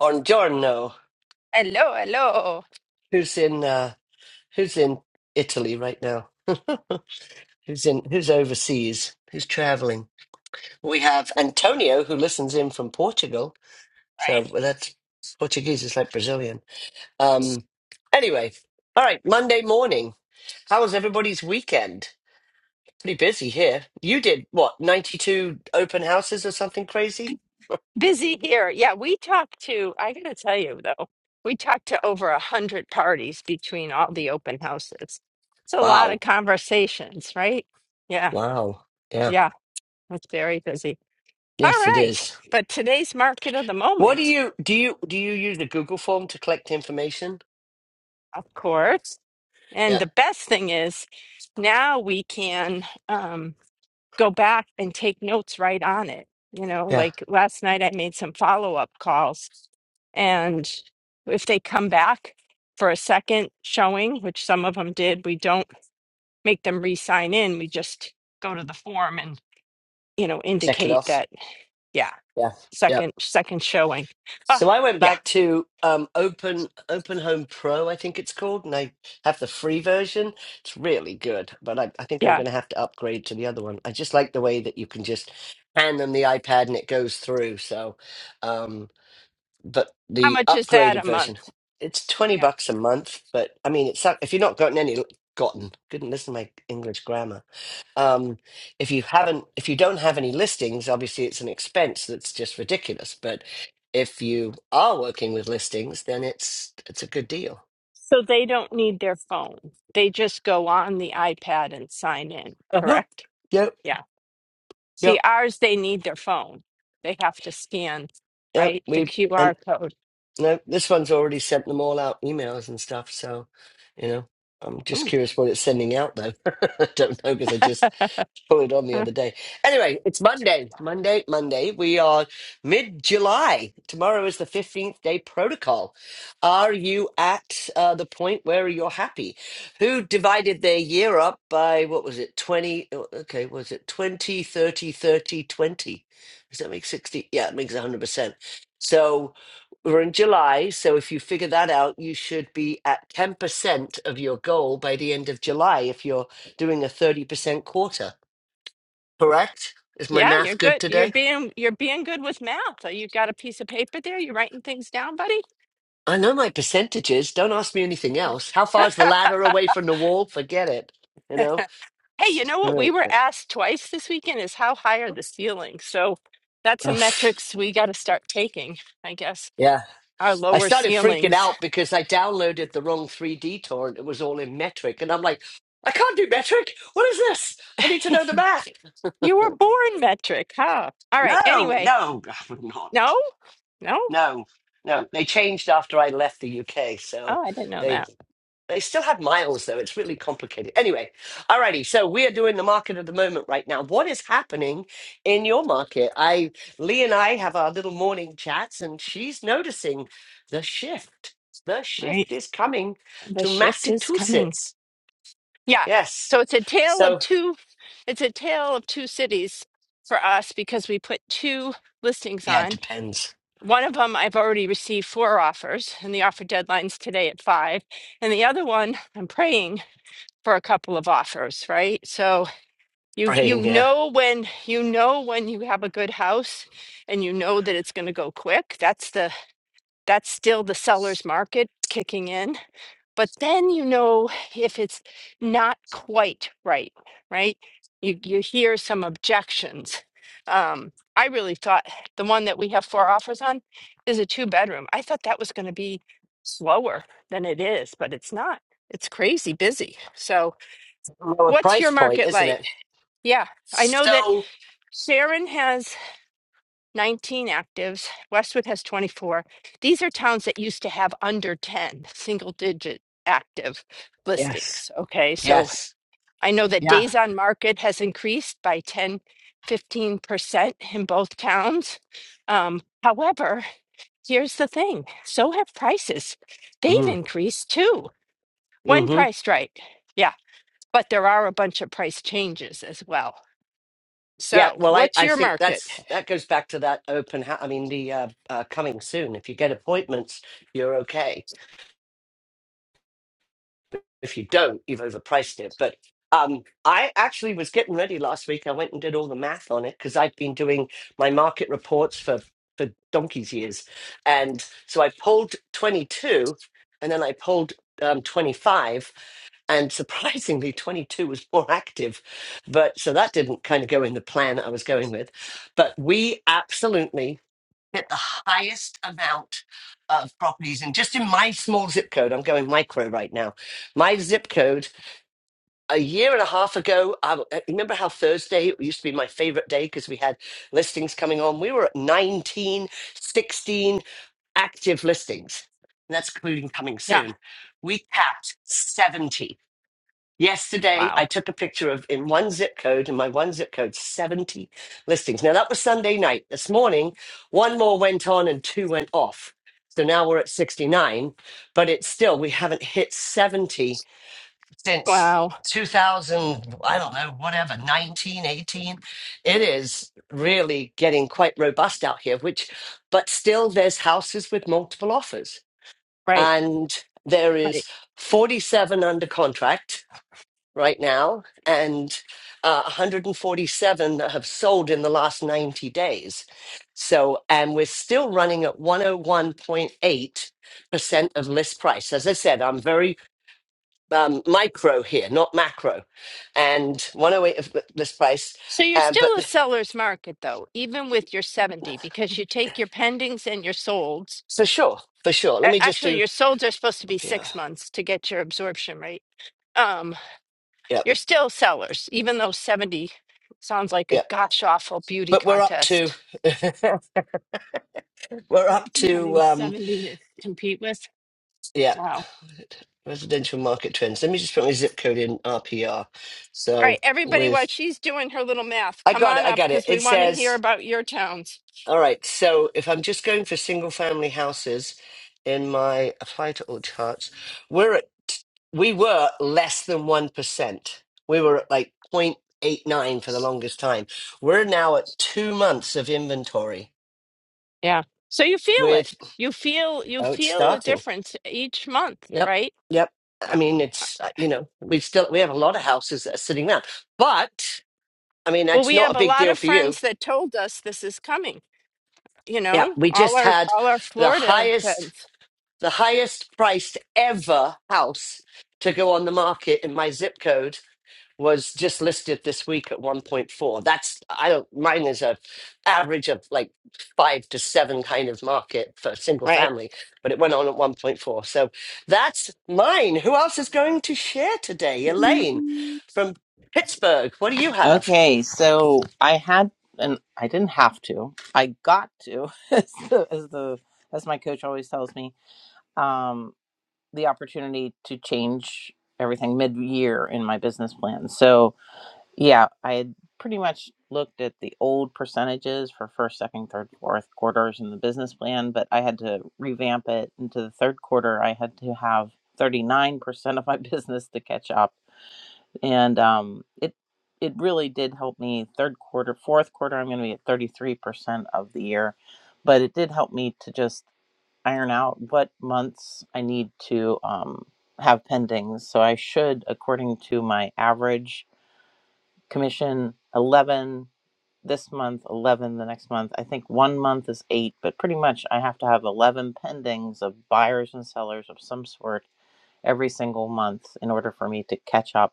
on Giorno, Hello, hello. who's in uh, who's in Italy right now. who's in who's overseas, who's traveling. We have Antonio who listens in from Portugal. Right. So well, that's Portuguese is like Brazilian. Um anyway, all right, Monday morning. How was everybody's weekend? Pretty busy here. You did what, 92 open houses or something crazy? Busy here. Yeah, we talked to, I gotta tell you though, we talked to over a hundred parties between all the open houses. It's a lot of Wow. conversations, right? Yeah, Wow. Yeah. yeah, it's very busy. All Yes, it right, is. but today's market of the What do moment, you do? You do you use the Google form to collect information? of course. And Yeah, the best thing is now we can um, go back and take notes right on it. You know, yeah. like last night I made some follow-up calls And if they come back for a second showing, which some of them did, we don't make them re sign in. We just go to the form and, you know, Check it indicate off. that, yeah, Yeah, yeah. second, second showing. Oh, So I went yeah, back to um, Open Open Home Pro, I think it's called, and I have the free version. It's really good, but I, I think I'm yeah. going to have to upgrade to the other one. I just like the way that you can just hand them the iPad and it goes through. So, um, but How the much is that a upgraded version, month? it's twenty Yeah. bucks a month. But I mean, it's not- if you've not gotten any gotten, couldn't listen to my English grammar Um, if you haven't, if you don't have any listings, obviously it's an expense that's just ridiculous. But if you are working with listings, then it's it's a good deal. So they don't need their phone. They just go on the iPad and sign in, Uh-huh. correct? Yep, Yeah. See, yep, ours, they need their phone. They have to scan, yep. right? The We and QR code. no, this one's already sent them all out emails and stuff. So, you know, I'm just curious what it's sending out though. I don't know because I just put it on the other day. Anyway, it's Monday. Oh, Monday, Monday. We are mid July. Tomorrow is the 15th day protocol. Are you at uh, the point where you're happy? Who divided their year up by, what was it, 20? oh, Okay, was it 20, 30, 30, twenty? Does that make 60? Yeah, it makes 100%. So we're in July. So if you figure that out, you should be at 10% of your goal by the end of July if you're doing a 30% quarter correct? Is my Yeah, you're math good good. You're today? being you're being good with math. Uh, You got a piece of paper there? You writing things down, buddy? I know my percentages. Don't ask me anything else. How far is the ladder away from the wall? Forget it. You know? Hey, you know what we Right. were asked twice this weekend is how high are the ceilings? So that's a Ugh. metrics we got to start taking, I guess. Yeah. Our I lower started freaking ceilings. out because I downloaded the wrong 3D torrent. It was all in metric. And I'm like, I can't do metric. What is this? I need to know the math. You were born metric, huh? All right. No, Anyway, no, I'm no, not. no. No, no. They changed after I left the UK. So Oh, I didn't know they that. They still had miles though. It's really complicated. Anyway, alrighty. So we are doing the market of the moment right now. What is happening in your market? I Lee and I have our little morning chats, and she's noticing the shift. The Right. shift is coming The to shift is coming. Massachusetts. Yeah. Yes. So it's a tale of So two it's a tale of two cities for us because we put two listings yeah, it on. depends. One of them I've already received four offers and the offer deadline's today at 5. And the other one I'm praying for a couple of offers, right? So you Praying, you yeah. know when you know when you have a good house and you know that it's going to go quick. That's the that's still the seller's market kicking in but then you know if it's not quite right right you you hear some objections um i really thought the one that we have four offers on is a two bedroom i thought that was going to be slower than it is but it's not it's crazy busy so Lower what's your price point, market isn't like it? yeah i know that So sharon has 19 actives. Westwood has 24. These are towns that used to have under 10 single digit active yes. listings. Okay. So Yes. I know that Yeah. days on market has increased by ten, fifteen percent in both towns. Um, however, here's the thing so have prices. They've mm increased too when priced right. Yeah. But there are a bunch of price changes as well. Yeah, So well, I, what's I your think market? that's that goes back to that open. hou- I mean, the uh, uh, coming soon. If you get appointments, you're okay. If you don't, you've overpriced it. But um, I actually was getting ready last week. I went and did all the math on it because I've been doing my market reports for for donkey's years, and so I pulled 22, and then I pulled um, 25, and surprisingly 22 was more active but so that didn't kind of go in the plan i was going with but we absolutely get the highest amount of properties. And just in my small zip code, I'm going micro right now. My zip code, a year and a half ago, I I remember how Thursday used to be my favorite day because we had listings coming on. We were at 19, 16 active listings. And that's including coming Yeah. soon. We capped 70. Yesterday, Wow. I took a picture of in one zip code, in my one zip code, 70 listings. Now, that was Sunday night. This morning, one more went on and two went off. So now we're at 69, but it's still, we haven't hit 70 since Wow. 2000, I don't know, whatever, 19 18. It is really getting quite robust out here, which, but still, there's houses with multiple offers. Right. And there Right. is 47 under contract right now and uh, 147 that have sold in the last 90 days. So, and we're still running at 101.8% of list price. As I said, I'm very um, micro here, not macro, and 108 of li- list price. So you're Um, but still a th- seller's market though, even with your 70, because you take your pendings and your solds. for sure, for sure. Let a- me just Actually, do your solds are supposed to be up here. six months to get your absorption rate. Um, Yep, you're still sellers, even though 70 sounds like a yep. gosh awful beauty But we're up to, contest. we're up Imagine having to um, 70 to compete with. Yeah, Wow. residential market trends. Let me just put my zip code in RPR. All So right, everybody, while with she's doing her little math, I come got it, on I up got it. because we It want to hear says, about your towns. all right, so if I'm just going for single family houses in my apply to all charts, we're at we were less than 1%. We were at like 0.89 for the longest time. We're now at 2 months of inventory Yeah. So you feel it. with You feel you oh it's feel a starting. difference each month, Yep. right? Yep. I mean, it's, uh, you know, we've still, we have a lot of houses that are sitting around, but I mean, Well, it's we not have a a big lot deal of for you. friends that told us this is coming. You Yeah. know, We all just our had all our the Florida highest, friends, the highest priced ever house to go on the market in my zip code. was just listed this week at 1.4 that's i don't mine is a average of like five to seven kind of market for single right? family but it went on at 1.4 so that's mine who else is going to share today elaine from pittsburgh what do you have Okay, so I had and I didn't have to. I got to as the as, the, as my coach always tells me, um, the opportunity to change everything mid year in my business plan. So yeah, I had pretty much looked at the old percentages for first, second, third, fourth quarters in the business plan, but I had to revamp it into the third quarter. I had to have 39% of my business to catch up and um, it it really did help me third quarter fourth quarter i'm going to be at 33% of the year but it did help me to just iron out what months i need to um, have pendings so i should according to my average commission 11 this month 11 the next month i think one month is eight but pretty much i have to have 11 pendings of buyers and sellers of some sort every single month in order for me to catch up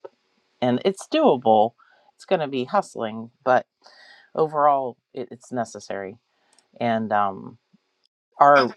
and it's doable. It's going to be hustling, but overall, it, it's necessary. And um, our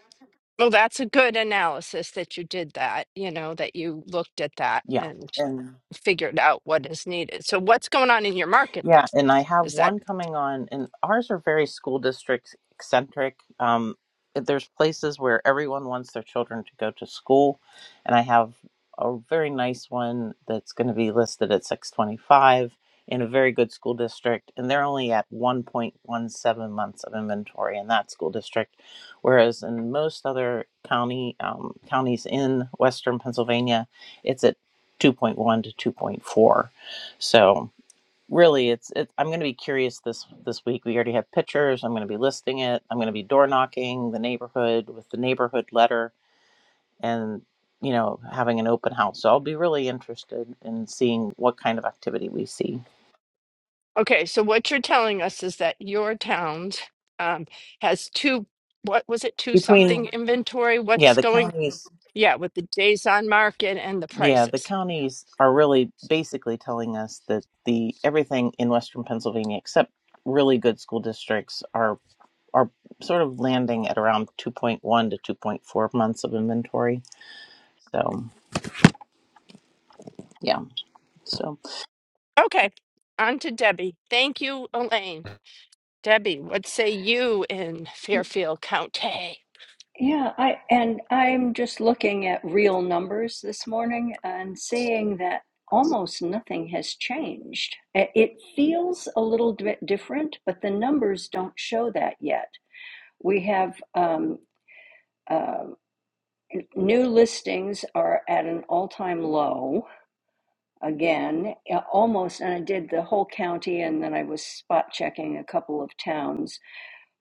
Well, that's a good analysis that you did that. You know, that you looked at that yeah, and and figured out what is needed. So, what's going on in your market though? Yeah, and I have Is that one coming on, and ours are very school district eccentric. Um, there's places where everyone wants their children to go to school, and I have a very nice one that's going to be listed at 625 in a very good school district, and they're only at 1.17 months of inventory in that school district, whereas in most other county um, counties in Western Pennsylvania, it's at 2.1 to 2.4. So really it's it, i'm going to be curious this this week we already have pictures i'm going to be listing it i'm going to be door knocking the neighborhood with the neighborhood letter and you know having an open house so i'll be really interested in seeing what kind of activity we see okay? So, what you're telling us is that your town um, has two. What was it? Two something between inventory. yeah What's the going? counties Yeah, with the days on market and the yeah the prices. counties are really basically telling us that the everything in western pennsylvania except really good school districts are are sort of landing at around 2.1 to 2.4 months of inventory so Yeah. So. Okay, on to Debbie. Thank you, Elaine. Debbie, what say you in Fairfield County? Yeah, I and I'm just looking at real numbers this morning and seeing that almost nothing has changed. I- It feels a little bit different, but the numbers don't show that yet. We have um, uh, new listings are at an all-time low again, uh, almost. And I did the whole county, and then I was spot checking a couple of towns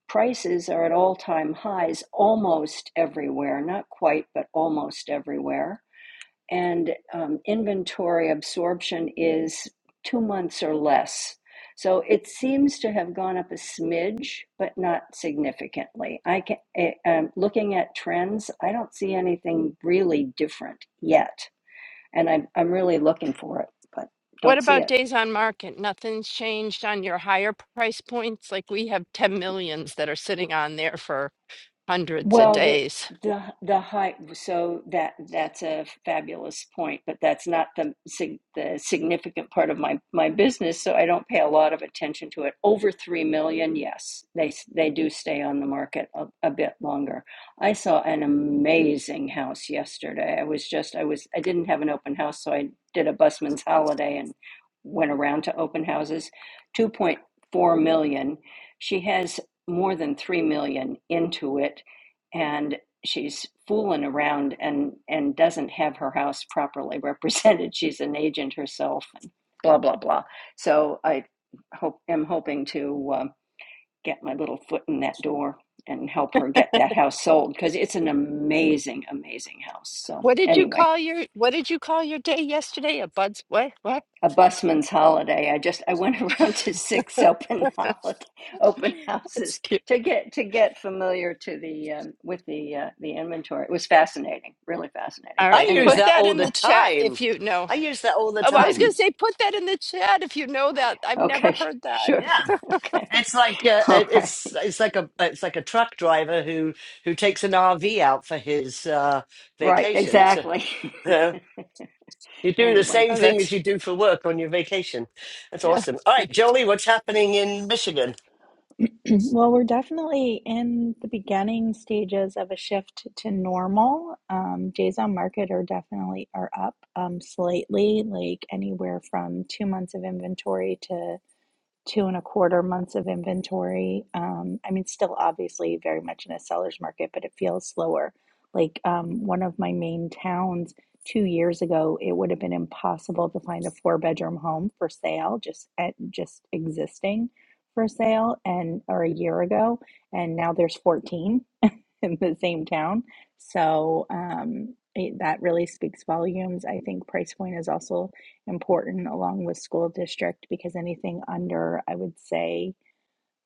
prices are at all time highs almost everywhere, not quite, but almost everywhere. And um, inventory absorption is two months or less. So it seems to have gone up a smidge, but not significantly. I can, eh, um, looking at trends, I don't see anything really different yet. And I'm, I'm really looking for it, but What don't see about it. days on market? Nothing's changed on your higher price points? Like we have 10 millions that are sitting on there for hundreds of Well, the days. the the height. So that that's a fabulous point, but that's not the sig- the significant part of my my business. So I don't pay a lot of attention to it. Over three million, yes, they s- they do stay on the market a, a bit longer. I saw an amazing house yesterday. I was just I was I didn't have an open house, so I did a busman's holiday and went around to open houses. Two point four million. She has more than 3 million into it and she's fooling around and and doesn't have her house properly represented. She's an agent herself, and blah blah blah. So I hope am hoping to um get my little foot in that door and help her get that house sold because it's an amazing, amazing house. So What did you anyway. call your what did you call your day yesterday? A buds what? What? a busman's holiday. I just I went around to six open holiday, open That's houses cute. to get to get familiar to the um, with the uh, the inventory. It was fascinating, really fascinating. All i right. use Put Anyway, that that all in the the well, chat time if you know. i use that all the Oh, I was time going to say, put that in the chat if you know that. I've never okay, heard that. sure, yeah okay, it's like uh, all it- right, it's it's like a it's like a truck driver who who takes an rv out for his uh right, vacation So, exactly. You do the anyway, same Oh, thing that's as you do for work on your vacation. That's yeah. awesome. All right, Jolie, what's happening in Michigan? Well, we're definitely in the beginning stages of a shift to normal. Um, days on market are definitely are up um, slightly, like anywhere from two months of inventory to two and a quarter months of inventory. Um, I mean, still obviously very much in a seller's market, but it feels slower. Like um, one of my main towns two years ago, it would have been impossible to find a four bedroom home for sale, just at, just existing for sale, and or a year ago, and now there's 14 in the same town. So um, it, that really speaks volumes. I think price point is also important along with school district because anything under, I would say,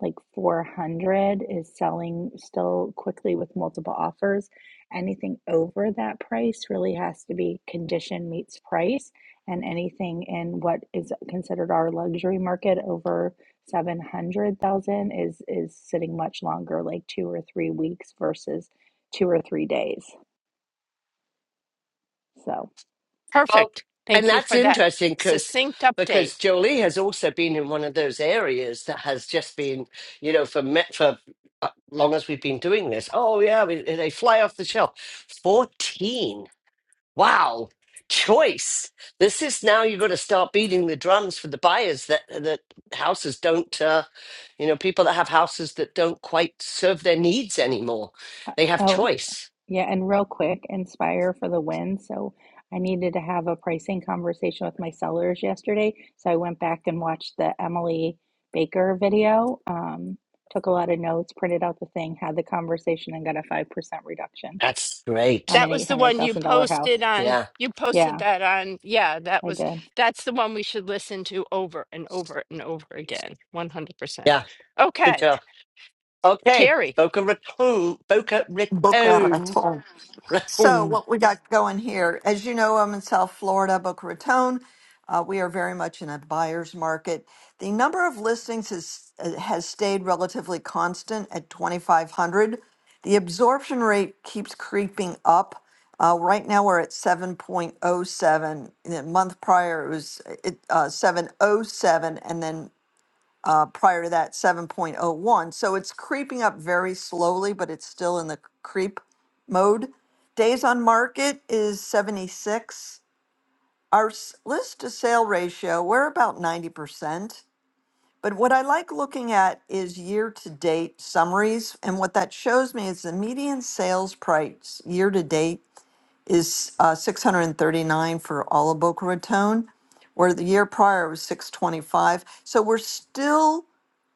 like 400 is selling still quickly with multiple offers. Anything over that price really has to be condition meets price, and anything in what is considered our luxury market over 700,000 is is sitting much longer, like two or three weeks versus two or three days. So, Well, perfect. And Thank you that's for that interesting because succinct update. because Jolie has also been in one of those areas that has just been, you know, for me- for uh, long as we've been doing this. Oh yeah, we, they fly off the shelf. Fourteen. Wow, choice. This is now you've got to start beating the drums for the buyers that that houses don't, uh, you know, people that have houses that don't quite serve their needs anymore. uh, They have oh. choice. Yeah, and real quick, Inspire for the win. So I needed to have a pricing conversation with my sellers yesterday. So I went back and watched the Emily Baker video, um, took a lot of notes, printed out the thing, had the conversation, and got a 5% reduction That's on great. That an was the one you $800,000 house. posted on, Yeah, you posted Yeah, that on, yeah, that I was, did. that's the one we should listen to over and over and over again. 100%. yeah, good Okay, job. Okay, Terry, Boca Raton, Boca Boca Raton, Raton. So, Raton. what we got going here, as you know, I'm in South Florida, Boca Raton. Uh, we are very much in a buyer's market. The number of listings has uh, has stayed relatively constant at 2,500. The absorption rate keeps creeping up. Uh, right now, we're at 7.07. The month prior, it was uh, it, uh, 707, and then uh, prior to that, 7.01. So it's creeping up very slowly, but it's still in the creep mode. Days on market is 76. Our s- list to sale ratio, we're about 90%. But what I like looking at is year to date summaries. And what that shows me is the median sales price year to date is uh, 639 for all of Boca Raton, where the year prior was 625. So we're still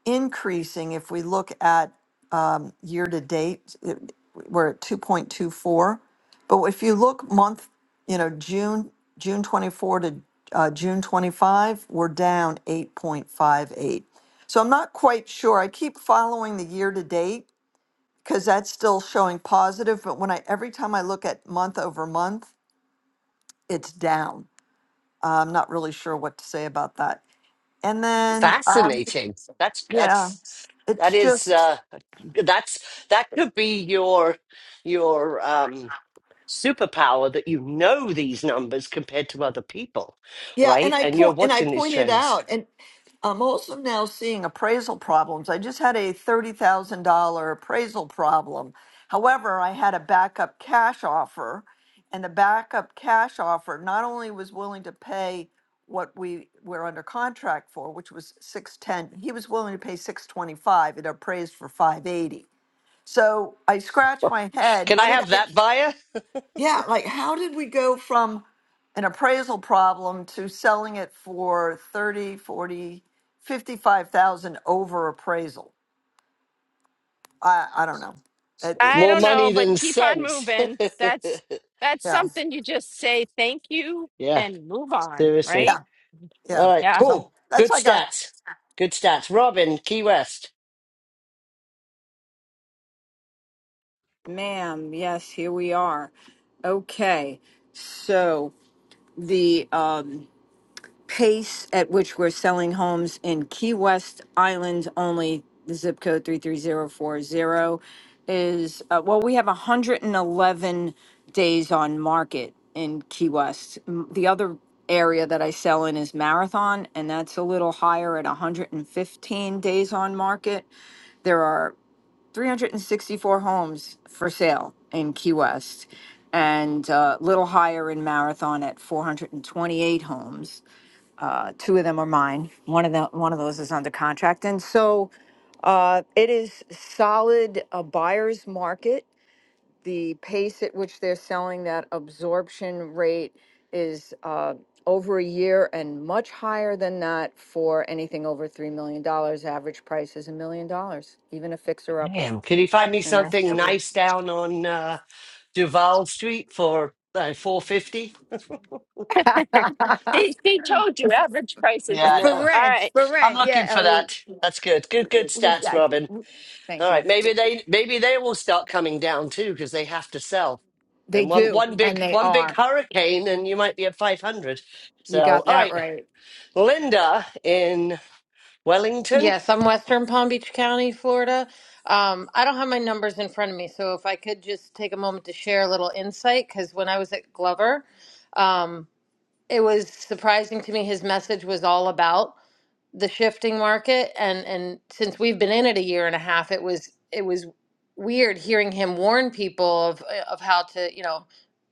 increasing if we look at year to date, it- we're at 2.24. But if you look month, you know, June, June 24 to uh, June 25, we're down 8.58. So I'm not quite sure. I keep following the year to date because that's still showing positive, but when I, every time I look at month over month, it's down. Uh, I'm not really sure what to say about that. And then, uh, Fascinating. That's yeah, that's that it's is just. uh, that's that could be your your um superpower that you know these numbers compared to other people, Yeah, and right? I And you're point and I watching these pointed trends. out, and I'm also now seeing appraisal problems. I just had a thirty thousand dollar appraisal problem. However, I had a backup cash offer, and the backup cash offer not only was willing to pay what we were under contract for, which was six ten, he was willing to pay six twenty five. It appraised for five eighty. So I scratched my head. Can How I did have I? that buyer? Yeah, like how did we go from an appraisal problem to selling it for 30, 40, 55,000 over appraisal? I I don't know. It, it, I More don't know, money but than keep on sense. moving. That's, that's yeah. something you just say thank you yeah, and move on, seriously. Yeah. right? Yeah. All right, Yeah. So cool. that's Good I got. stats. Good stats. Robin, Key West. Ma'am, yes, here we are. Okay, so the um, pace at which we're selling homes in Key West Island only, the zip code 33040, is uh, well, we have 111 days on market in Key West. M- The other area that I sell in is Marathon, and that's a little higher at 115 days on market. There are 364 homes for sale in Key West and a little higher in Marathon at 428 homes. Uh, two of them are mine. One of them, one of those is under contract. And so uh, it is solid a buyer's market. The pace at which they're selling that absorption rate is uh, over a year and much higher than that for anything over $3 million. dollars. Average price is a million dollars, even a fixer upper. Damn, can you find me And I something nice down on uh, Duval Street for uh, 450? They he told you average price is a Yeah, I mill. for All know. rent, right. for I'm rent. Yeah, looking for Ellie. that. That's good. Good, good We stats, got Robin. you. Thank All you. right, maybe they maybe they will start coming down too because they have to sell. They And one do, one and big they one big are. hurricane, and you might be at five hundred. You So, got all that right, right. Linda in Wellington. Yes, I'm Western Palm Beach County, Florida. Um, I don't have my numbers in front of me, so if I could just take a moment to share a little insight, because when I was at Glover, um, it was surprising to me his message was all about the shifting market and and since we've been in it a year and a half it was it was weird hearing him warn people of of how to you know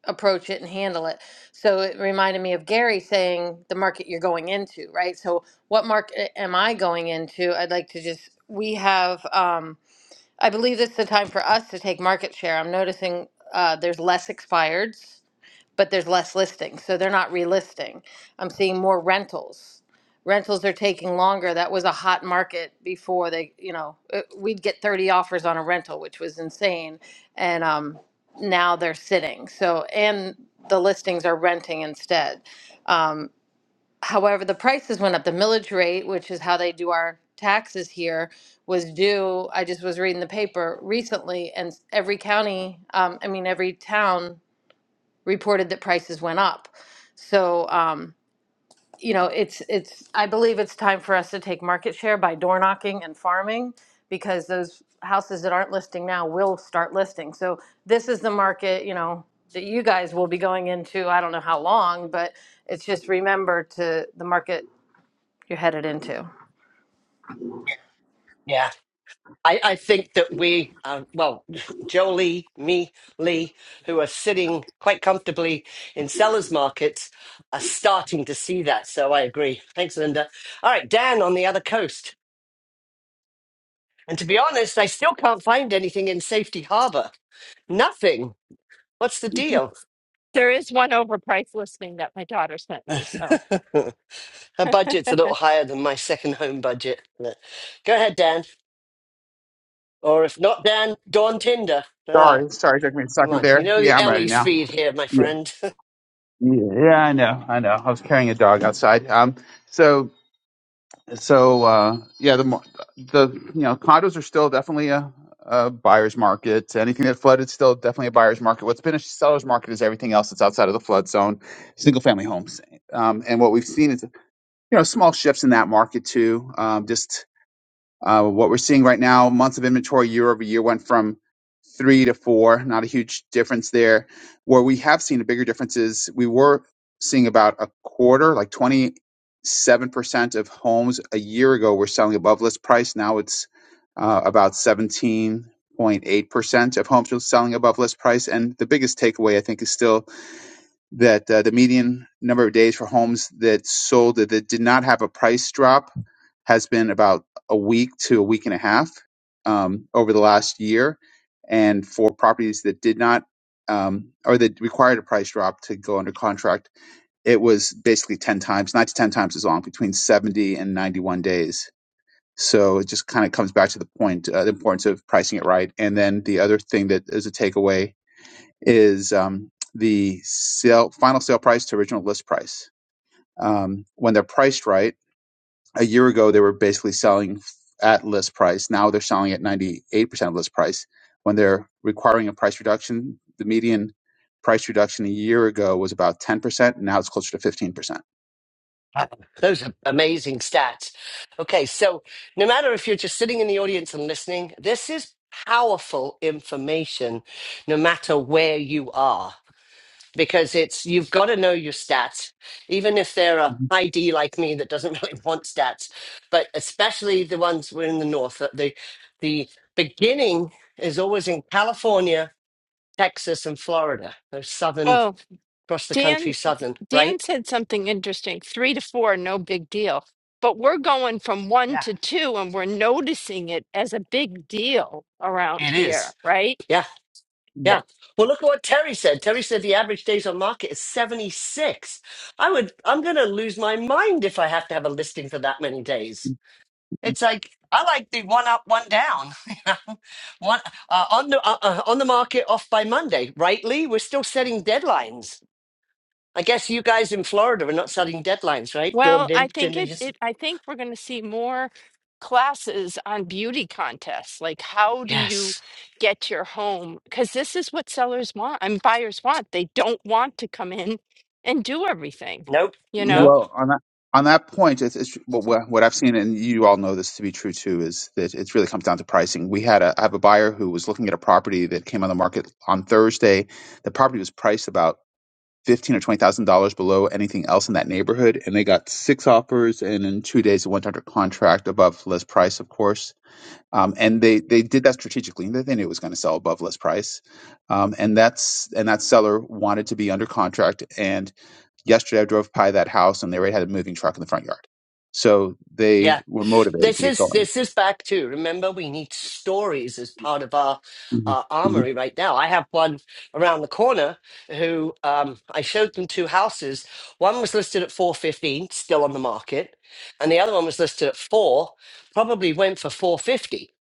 approach it and handle it so it reminded me of Gary saying the market you're going into right so what market am I going into I'd like to just we have um I believe this is the time for us to take market share I'm noticing uh, there's less expireds but there's less listings, so they're not relisting. I'm seeing more rentals. Rentals are taking longer. That was a hot market before they, you know, it, we'd get 30 offers on a rental, which was insane. And um, now they're sitting. So, and the listings are renting instead. Um, however, the prices went up. The millage rate, which is how they do our taxes here, was due. I just was reading the paper recently, and every county, um, I mean, every town reported that prices went up. So, um, you know, it's it's I believe it's time for us to take market share by door knocking and farming because those houses that aren't listing now will start listing. So this is the market, you know, that you guys will be going into. I don't know how long, but it's just remember to the market you're headed into. Yeah, I, I think that we, uh, well, Jolie, me, Lee, who are sitting quite comfortably in sellers markets, are starting to see that. So I agree. Thanks, Linda. All right, Dan on the other coast. And to be honest, I still can't find anything in Safety Harbor. Nothing. What's the deal? There is one overpriced listing that my daughter sent Her me. So, budget's a little higher than my second home budget. But go ahead, Dan. Or if not Dan, go on Tinder. Ah, Sorry, sorry, took me a come second on. You there. know the Yeah, I'm ready Ellie now. speed here, my Yeah, friend. yeah, yeah, I know, I know. I was carrying a dog outside. Um, so, so, uh, yeah, the mo- the you know condos are still definitely a, a buyer's market. Anything that flooded is still definitely a buyer's market. What's been a seller's market is everything else that's outside of the flood zone, single family homes. Um, and what we've seen is you know small shifts in that market too. Um, just uh, what we're seeing right now, months of inventory year over year went from three to four, not a huge difference there. Where we have seen a bigger difference is we were seeing about a quarter, like 27% of homes a year ago were selling above list price. Now it's uh, about 17.8% of homes are selling above list price. And the biggest takeaway, I think, is still that uh, the median number of days for homes that sold that, that did not have a price drop has been about a week to a week and a half um, over the last year, and for properties that did not um, or that required a price drop to go under contract, it was basically ten times, nine to ten times as long, between seventy and ninety-one days. So it just kind of comes back to the point, uh, the importance of pricing it right. And then the other thing that is a takeaway is um, the sale, final sale price to original list price. Um, when they're priced right, a year ago they were basically selling at list price. Now they're selling at 98% of list price. When they're requiring a price reduction, the median price reduction a year ago was about 10%. Now it's closer to 15%. percent Wow, Those are amazing stats. Okay, so no matter if you're just sitting in the audience and listening, this is powerful information no matter where you are. because it's you've got to know your stats, even if they're a Mhm. high D like me that doesn't really want stats, but especially the ones we're in the north. that The the beginning is always in California, Texas, and Florida. Those southern oh, across the Dan, country, southern, Dan right? said something interesting. Three to four, no big deal. But we're going from one Yeah, to two and we're noticing it as a big deal around it here, is. right? Yeah, Yeah. yeah. Well, look at what Terry said. Terry said the average days on market is 76. I would, I'm going to lose my mind if I have to have a listing for that many days. It's like I like the one up, one down. you know? one uh, on the uh, uh, on the market, off by Monday, right, Lee? We're still setting deadlines. I guess you guys in Florida are not setting deadlines, right? Dawn Well, I did, think didn't it, you? it I think we're going to see more classes on beauty contests. Like, how do you Yes. get your home? Because this is what sellers want and buyers want. They don't want to come in and do everything, Nope. you know? Nope. Well, on that on that point, it's, it's what what what I've seen, and you all know this to be true too, is that it really comes down to pricing. We had a I have a buyer who was looking at a property that came on the market on Thursday. The property was priced about fifteen or twenty thousand dollars below anything else in that neighborhood, and they got six offers, and in two days it went under contract above list price, of course. Um, and they they did that strategically. They they knew it was going to sell above list price, um, and that's and that seller wanted to be under contract, and. Yesterday, I drove by that house and they already had a moving truck in the front yard. So yeah. they were motivated to This get is going. this is back to remember we need stories as part of our Mhm. our armory right now. I have one around the corner who um, I showed them two houses. One was listed at four fifteen, still on the market, and the other one was listed at four, probably went for four fifty.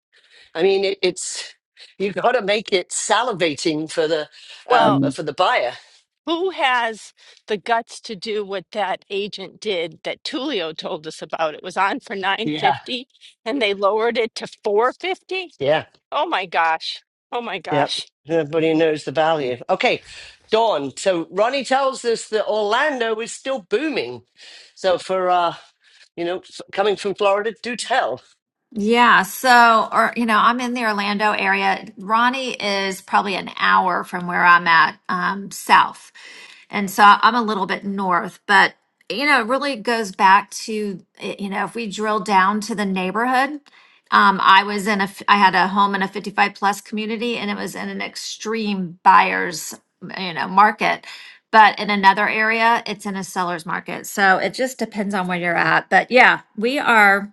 I mean, it, it's you got to make it salivating for the uh, Well, Mhm. for the buyer. who has the guts to do what that agent did that Tulio told us about? It was on for Yeah, 950 and they lowered it to 450. yeah. Oh my gosh. Oh my Yep. gosh. Everybody knows the value. Okay, Dawn. So Ronnie tells us that Orlando is still booming. So for uh, you know, f- coming from Florida, do tell. Yeah, so or you know, I'm in the Orlando area. Ronnie is probably an hour from where I'm at, um, south. And so I'm a little bit north, but you know, it really goes back to eh, you know, if we drill down to the neighborhood, um, I was in a f- I had a home in a 55 plus community and it was in an extreme buyer's, you know, market. But in another area, it's in a seller's market. So it just depends on where you're at. But yeah, we are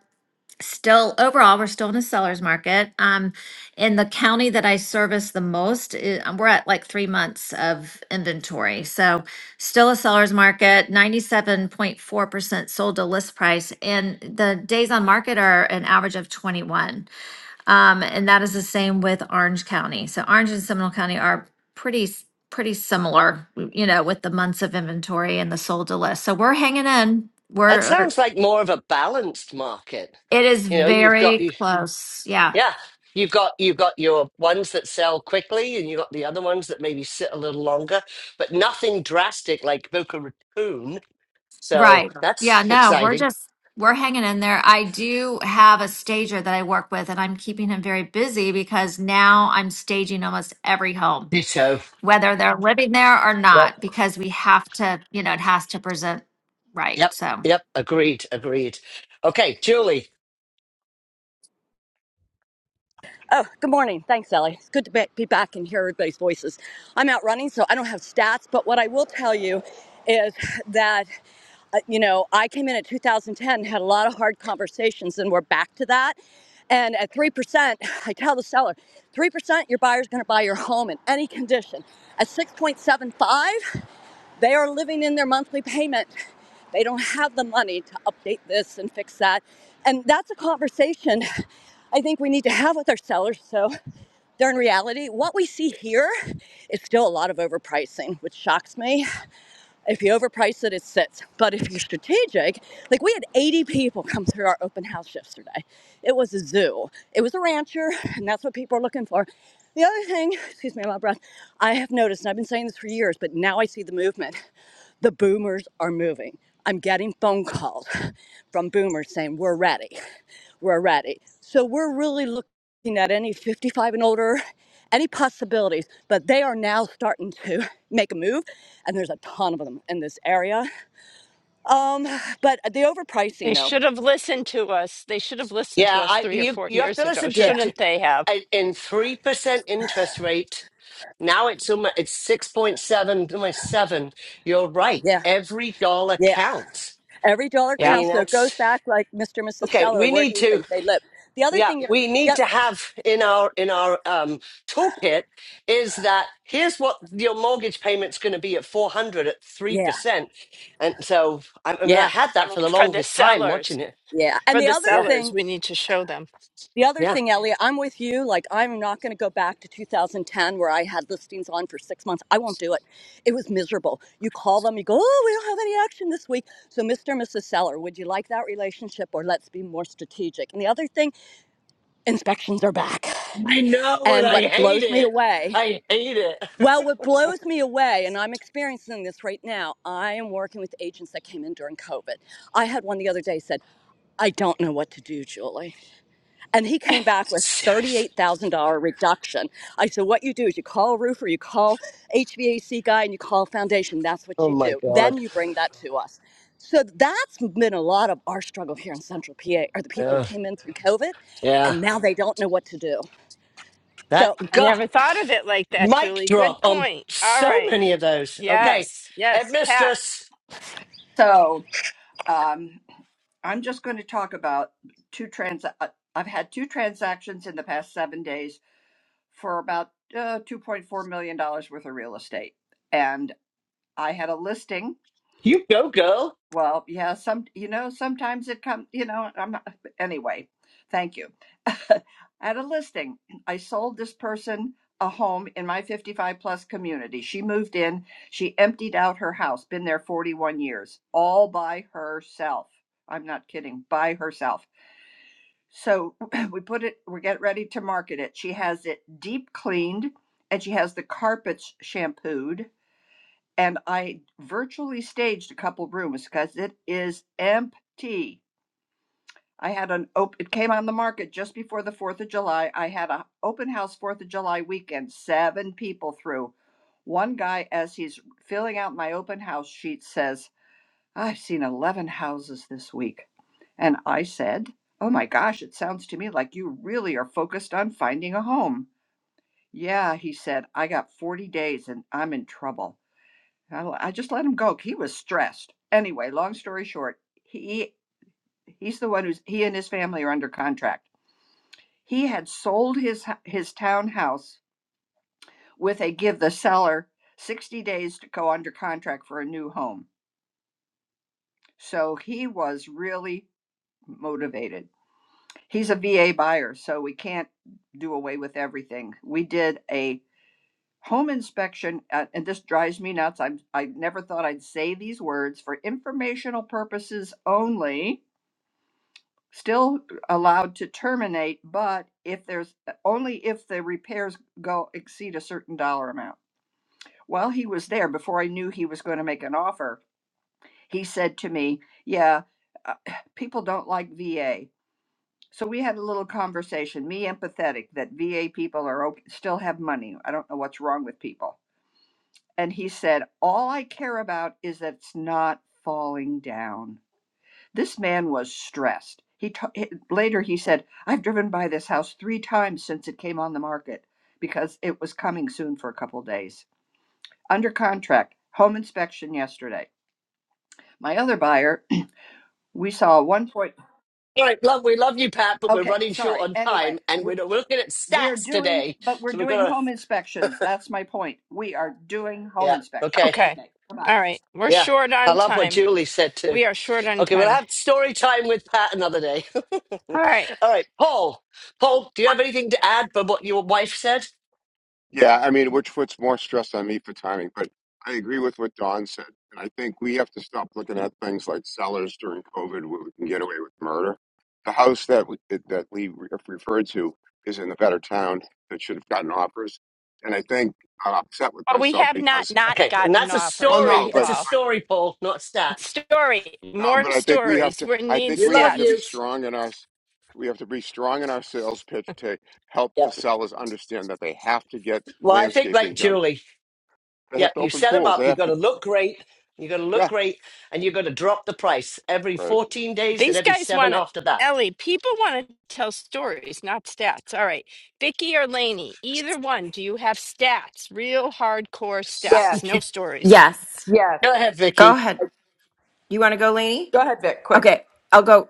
still overall we're still in a seller's market um in the county that i service the most i- um, we're at like three months of inventory so still a seller's market 97.4% sold to list price and the days on market are an average of 21 um and that is the same with orange county so orange and seminole county are pretty s- pretty similar you know with the months of inventory and the sold to list so we're hanging in That we're sounds like more of a balanced market. it is You know, you've got very you, close yeah yeah, you've got you've got your ones that sell quickly, and you've got the other ones that maybe sit a little longer, but nothing drastic like Boca Raton. So Right. Yeah, that's no, we're exciting. just we're hanging in there. I do have a stager that I work with and I'm keeping him very busy because now I'm staging almost every home, Ditto. whether they're living there or Yep. not, because we have to, you know, it has to present right. Yep, So yep, agreed, agreed. Okay, Julie. Oh, good morning. Thanks, Ellie. It's good to be back and hear everybody's voices. I'm out running, so I don't have stats, but what I will tell you is that, uh, you know, I came in at 2010, had a lot of hard conversations, and we're back to that. And at 3%, I tell the seller, 3% your buyer's going to buy your home in any condition. At 6.75, they are living in their monthly payment. They don't have the money to update this and fix that. And that's a conversation I think we need to have with our sellers. So they're in reality. What we see here is still a lot of overpricing, which shocks me. If you overprice it, it sits. But if you're strategic, like we had 80 people come through our open house yesterday. It was a zoo. It was a rancher, and that's what people are looking for. The other thing, excuse me, my breath, I have noticed, and I've been saying this for years, but now I see the movement. The boomers are moving. I'm getting phone calls from boomers saying, We're ready. We're ready. So we're really looking looking at any 55 and older, any possibilities, but they are now starting to make a move, and there's a ton of them in this area. Um, but the overpricing, They though, should have listened to us. They should have listened to Yeah, us I 3 or you 4 you have to years ago. listen to yeah, to- Shouldn't they have? in in 3% interest rate. Now it's um, it's 6.7, almost 7. You're right. yeah, Every dollar yeah. counts. Every dollar I Yep. mean, counts, so it goes that's back like Mr. and Mrs. okay, Seller. we Where do need you to think they live? The other yeah, thing, we need yep, to have in our in our um toolkit is that here's what your mortgage payment's going to be at 400 at yeah, 3%. And so I, I mean I yeah, had I that for mean, the for the longest time sellers, watching it yeah. And for the the other Yeah. thing sellers, we need to show them. The other Yeah. thing, Elliot, I'm with you. Like, I'm not going to go back to 2010 where I had listings on for six months. I won't do it. It was miserable. You call them, you go, oh, we don't have any action this week. So, Mr. and Mrs. Seller, would you like that relationship or let's be more strategic? And the other thing, inspections are back. I know, and And I what hate blows me it. away, I hate it. well, what blows me away, and I'm experiencing this right now, I am working with agents that came in during COVID. I had one the other day said, I don't know what to do, Julie. And he came back with Serious. $38,000 reduction. I said, What you do is you call a roofer, you call HVAC guy, and you call foundation. That's what Oh you my do. Then god. you bring that to us. So that's been a lot of our struggle here in Central PA are the people that Ugh, came in through COVID yeah. and now they don't know what to do. That So, I god. never thought of it like that, Mic Julie. Good drop on point. All so right. many of those. Okay, Yes. Yes, Pat. headmistress, So um, I'm just going to talk about two trans. uh, I've had two transactions in the past seven days for about uh, $2.4 million dollars worth of real estate. And I had a listing you go, girl. well, yeah, some, you know, sometimes it comes, you know, I'm not, anyway, thank you. At a listing, I sold this person a home in my 55 plus community. She moved in, she emptied out her house, been there 41 years, all by herself. I'm not kidding, by herself. So we put it, we get ready to market it. She has it deep cleaned and she has the carpets shampooed and I virtually staged a couple rooms because it is empty. I had an op- it came on the market just before the 4th of July. I had an open house 4th of July weekend, seven people through. One guy as he's filling out my open house sheet says, "I've seen 11 houses this week." And I said, "Oh my gosh, it sounds to me like you really are focused on finding a home." Yeah, he said, "I got 40 days and I'm in trouble." I I just let him go. He was stressed. Anyway, long story short, he he's the one who's he and his family are under contract. He had sold his his townhouse with a give the seller 60 days to go under contract for a new home. So he was really motivated. He's a VA buyer, so we can't do away with everything. We did a home inspection uh, and this drives me nuts. I'm I never thought I'd say these words for informational purposes only still allowed to terminate, but if there's uh, only if the repairs go exceed a certain dollar amount. Well, he was there before I knew he was going to make an offer. He said to me, Yeah, uh, people don't like VA. So we had a little conversation, me empathetic that VA people are okay, still have money. I don't know what's wrong with people. And he said, All I care about is that it's not falling down. This man was stressed. He ta- later he said, "I've driven by this house three times since it came on the market because it was coming soon for a couple days." Under contract, home inspection yesterday. My other buyer, we saw one point. All right, love. We love you, Pat, but we're Okay, running short sorry. on Anyway, time, and we're, we're, not- we're looking at we're stats doing, today. but we're So we're doing gonna. home inspections. That's my point. We are doing home Yeah. inspections. Okay. Okay. Okay, bye. bye. All right, we're Yeah. short I on love what time. Julie said too. We are short on Okay, we'll time. have story time with Pat another day. All All right. right, Paul. Paul, do you have anything to add for what your wife said? Yeah, I mean, which puts more stress on me for timing, but I agree with what Don said. And I think we have to stop looking at things like sellers during COVID where we can get away with murder. The house that we, that Lee re- referred to is in a better town that should have gotten offers. And I think I'm upset with Well, we myself have not because, not Okay, and gotten that's a well, offers yet, no, story. but, It's a Paul. story, Paul, not a stat. Story, but no, more but I think we have stories. to, We I need think We we love have to be you. stats. strong in our, s- we have to be strong in our sales pitch to help Yeah. the sellers understand that they have to get Well, I think landscaping like done. Julie. They Yeah, have to you open set them pools. up. They You have got to. to look great. You got to look Yeah. great, and you got to drop the price every Right. 14 days and These every guys seven want to. after that. Ellie, people want to tell stories, not stats. All right. Vicky or Laney, either one. Do you have stats? Real hardcore Yes, stats, no stories. Yes. yes. Go ahead, Go Vicky. ahead. You want to go, Lainey? Go ahead, Vic, quick. Okay. I'll go.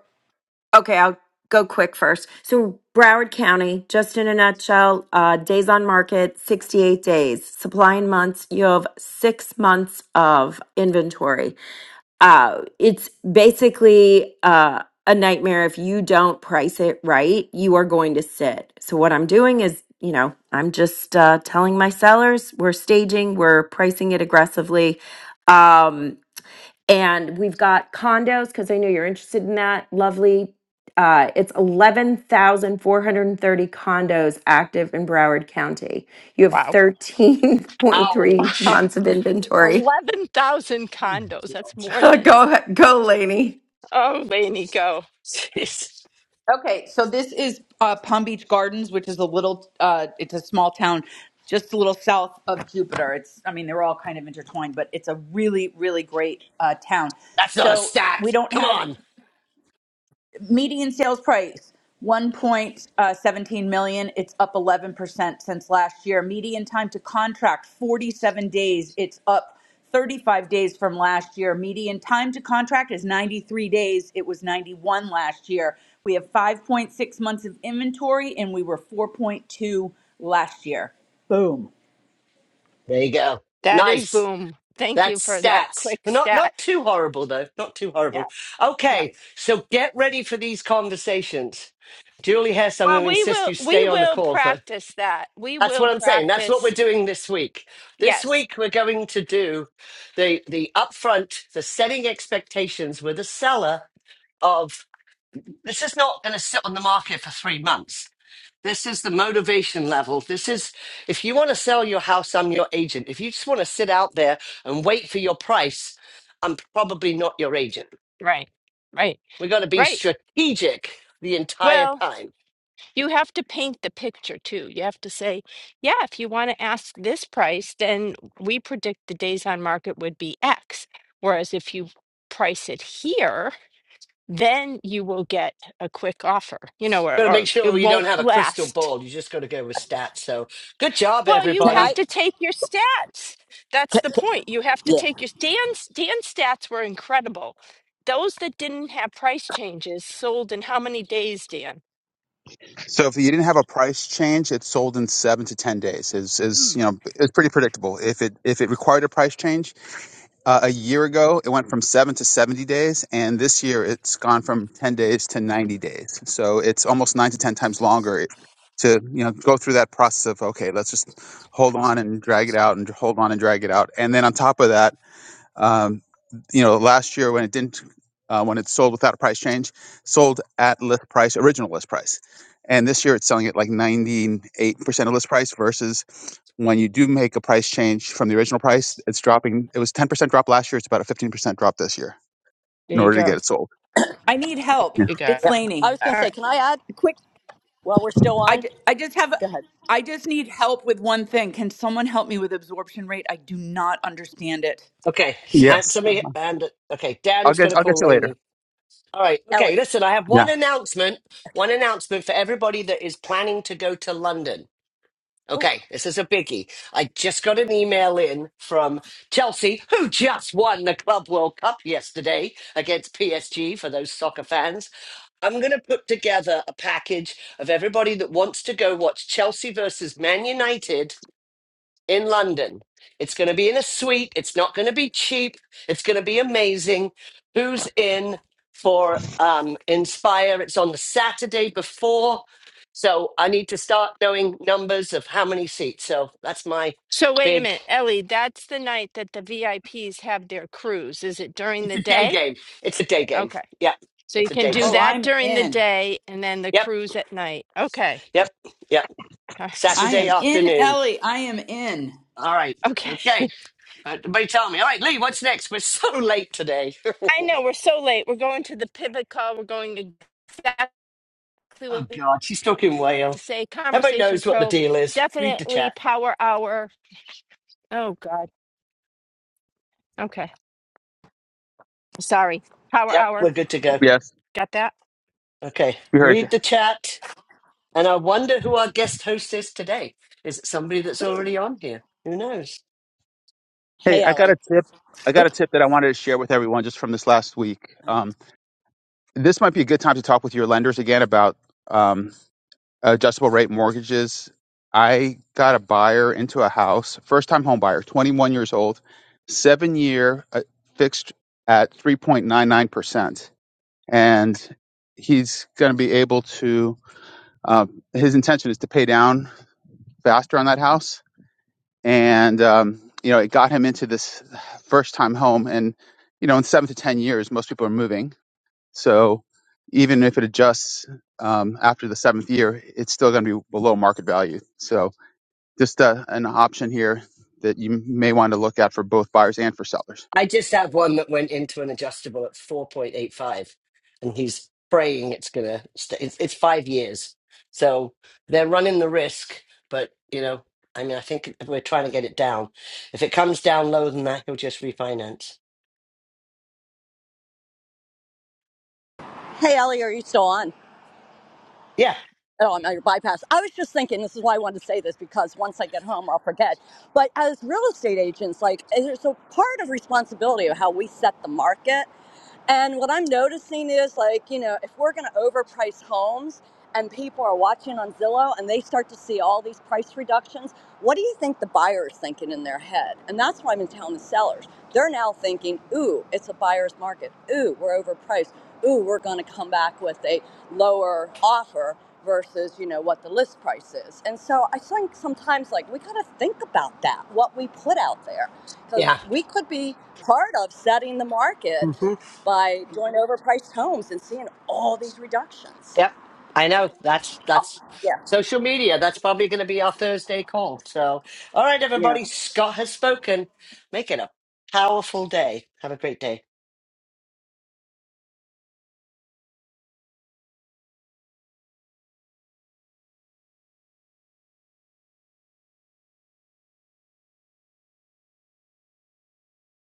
Okay. I'll go quick first. So, Broward County, just in a nutshell, uh, days on market, 68 days. Supply in months, you have six months of inventory. Uh, it's basically uh, a nightmare. If you don't price it right, you are going to sit. So, what I'm doing is you know, I'm just uh, telling my sellers we're staging, we're pricing it aggressively. Um, and we've got condos because I know you're interested in that. Lovely. Uh, it's 11,430 condos active in Broward County. You have Wow. 13.3 Wow. Ouch. months of inventory. 11,000 condos. That's more than. go, ahead- go, Lainey. Oh, Laney, go. Jeez, Okay, so this is uh, Palm Beach Gardens, which is a little, uh, it's a small town just a little south of Jupiter. It's, I mean, they're all kind of intertwined, but it's a really, really great uh, town. that's not a So we stat. don't Come have on. median sales price 1.17 million it's up 11% since last year median time to contract 47 days it's up 35 days from last year median time to contract is 93 days it was 91 last year we have 5.6 months of inventory and we were 4.2 last year boom There you go. That is Nice. boom. Thank you That's for that stats. quick Not stat. not too horrible though. Not too Yeah. horrible. Yeah. Okay, so get ready for these conversations. Julie Hess, I'm going Well, to we insist will you we stay on the will call, but practice that. We that's will what I'm saying. That's what we're practice. doing this week. This Yes. week we're going to do the the upfront, the setting expectations with a seller of this is not going to sit on the market for three months. This is the motivation level. This is if you want to sell your house, I'm your agent. If you just want to sit out there and wait for your price, I'm probably not your agent. Right. Right. We got to be Right. strategic the entire Well, time. you have to paint the picture too. You have to say, yeah, if you want to ask this price, then we predict the days on market would be X. Whereas if you price it here, then you will get a quick offer, you know, Got or, to or make it sure you don't won't have a crystal last ball. You just got to go with stats. So good job, Well, you can have I? everybody. to take your stats. That's the point. You have to Yeah. take your Dan's Dan's stats were incredible. Those that didn't have price changes sold in how many days, Dan? So if you didn't have a price change, it sold in seven to ten days. Is is Mm. you know it's pretty predictable. If it if it required a price change, uh, a year ago it went from seven to seventy days, and this year it's gone from ten days to ninety days. So it's almost nine to ten times longer to you know go through that process of okay, let's just hold on and drag it out and hold on and drag it out, and then on top of that Um, you know, last year when it didn't, uh, when it sold without a price change, sold at list price, original list price, and this year it's selling at like 98 percent of list price versus when you do make a price change from the original price, it's dropping. It was 10 percent drop last year. It's about a 15 percent drop this year in There you order to go. get it sold. i need help There Yeah. you it's yeah. go. I laney was All going to say, right. can I add while we're still I, on? ju- I just have Go ahead. I just need help with one thing. Can someone help me with absorption rate? I do not understand it. Okay, hand Yes. to me. And okay, I'll Dan's going get. to I'll get call you Laney. later. All right. Ellie. Okay. Listen, I have Yeah. one announcement. One announcement for everybody that is planning to go to London. Oh, Okay. This is a biggie. I just got an email in from Chelsea, who just won the Club World Cup yesterday against PSG for those soccer fans. I'm going to put together a package of everybody that wants to go watch Chelsea versus Man United in London. It's going to be in a suite. It's not going to be cheap. It's going to be amazing. Who's in for um, Inspire? It's on the Saturday before. So I need to start knowing numbers of how many seats. So that's my So wait a big. minute, Ellie, that's the night that the VIPs have their cruise. Is it during It's the a day day? game. It's a day game. Okay. Yep. So It's you a can day do game. Oh, that I'm during the in. day and then the Yep. cruise at night. Okay. Yep. Yep. Uh, I Saturday am in, afternoon. Ellie. I am in. All right. Okay. Okay. Everybody tell me. All right, Lee, what's next? We're so late today. I oh, know we're so late. We're going to the pivot call. We're going to exactly what God. She's talking Wales. to say Everybody Conversation knows what the Pro, deal is. Read the definitely chat. Power Hour. Oh, God. Okay. Sorry. Power Yep, Hour. we're good to go. Yes. Got that? Okay, We heard read you. the chat. And I wonder who our guest host is today. Is it somebody that's ooh. already on here? Who knows? Hey, Hey, I got Ellie. a tip. I got a Oops. tip that I wanted to share with everyone just from this last week. Um, this might be a good time to talk with your lenders again about. um, adjustable rate mortgages. I got a buyer into a house, first time home buyer, 21 years old, seven year uh, fixed at 3.99%. And he's going to be able to, uh, his intention is to pay down faster on that house. And, um, you know, it got him into this first time home. And, you know, in seven to 10 years, most people are moving so even if it adjusts um, after the seventh year, it's still going to be below market value. So just uh, an option here that you may want to look at for both buyers and for sellers. I just have one that went into an adjustable at 4.85, and he's praying it's going to stay. It's, it's five years. So they're running the risk, but, you know, I mean, I think we're trying to get it down. If it comes down lower than that, he'll just refinance. Hey, Ellie, are you still on? Yeah, Oh, I'm your bypass. I was just thinking, this is why I wanted to say this because once I get home, I'll forget. But as real estate agents, like, there's a part of responsibility of how we set the market and what I'm noticing is like, you know, if we're going to overprice homes and people are watching on Zillow and they start to see all these price reductions, what do you think the buyer is thinking in their head? And that's what I've been telling the sellers. They're now thinking, ooh, it's a buyer's market. Ooh, we're overpriced. Ooh, we're going to come back with a lower offer versus, you know, what the list price is. And so I think sometimes like we got to think about that, what we put out there, because yeah. we could be part of setting the market by doing overpriced homes and seeing all these reductions. Yep. I know. That's Oh, that's yeah, social media. That's probably going to be our Thursday call. So, all right, yeah. everybody. Scott has spoken. Make it a powerful day. Have a great day.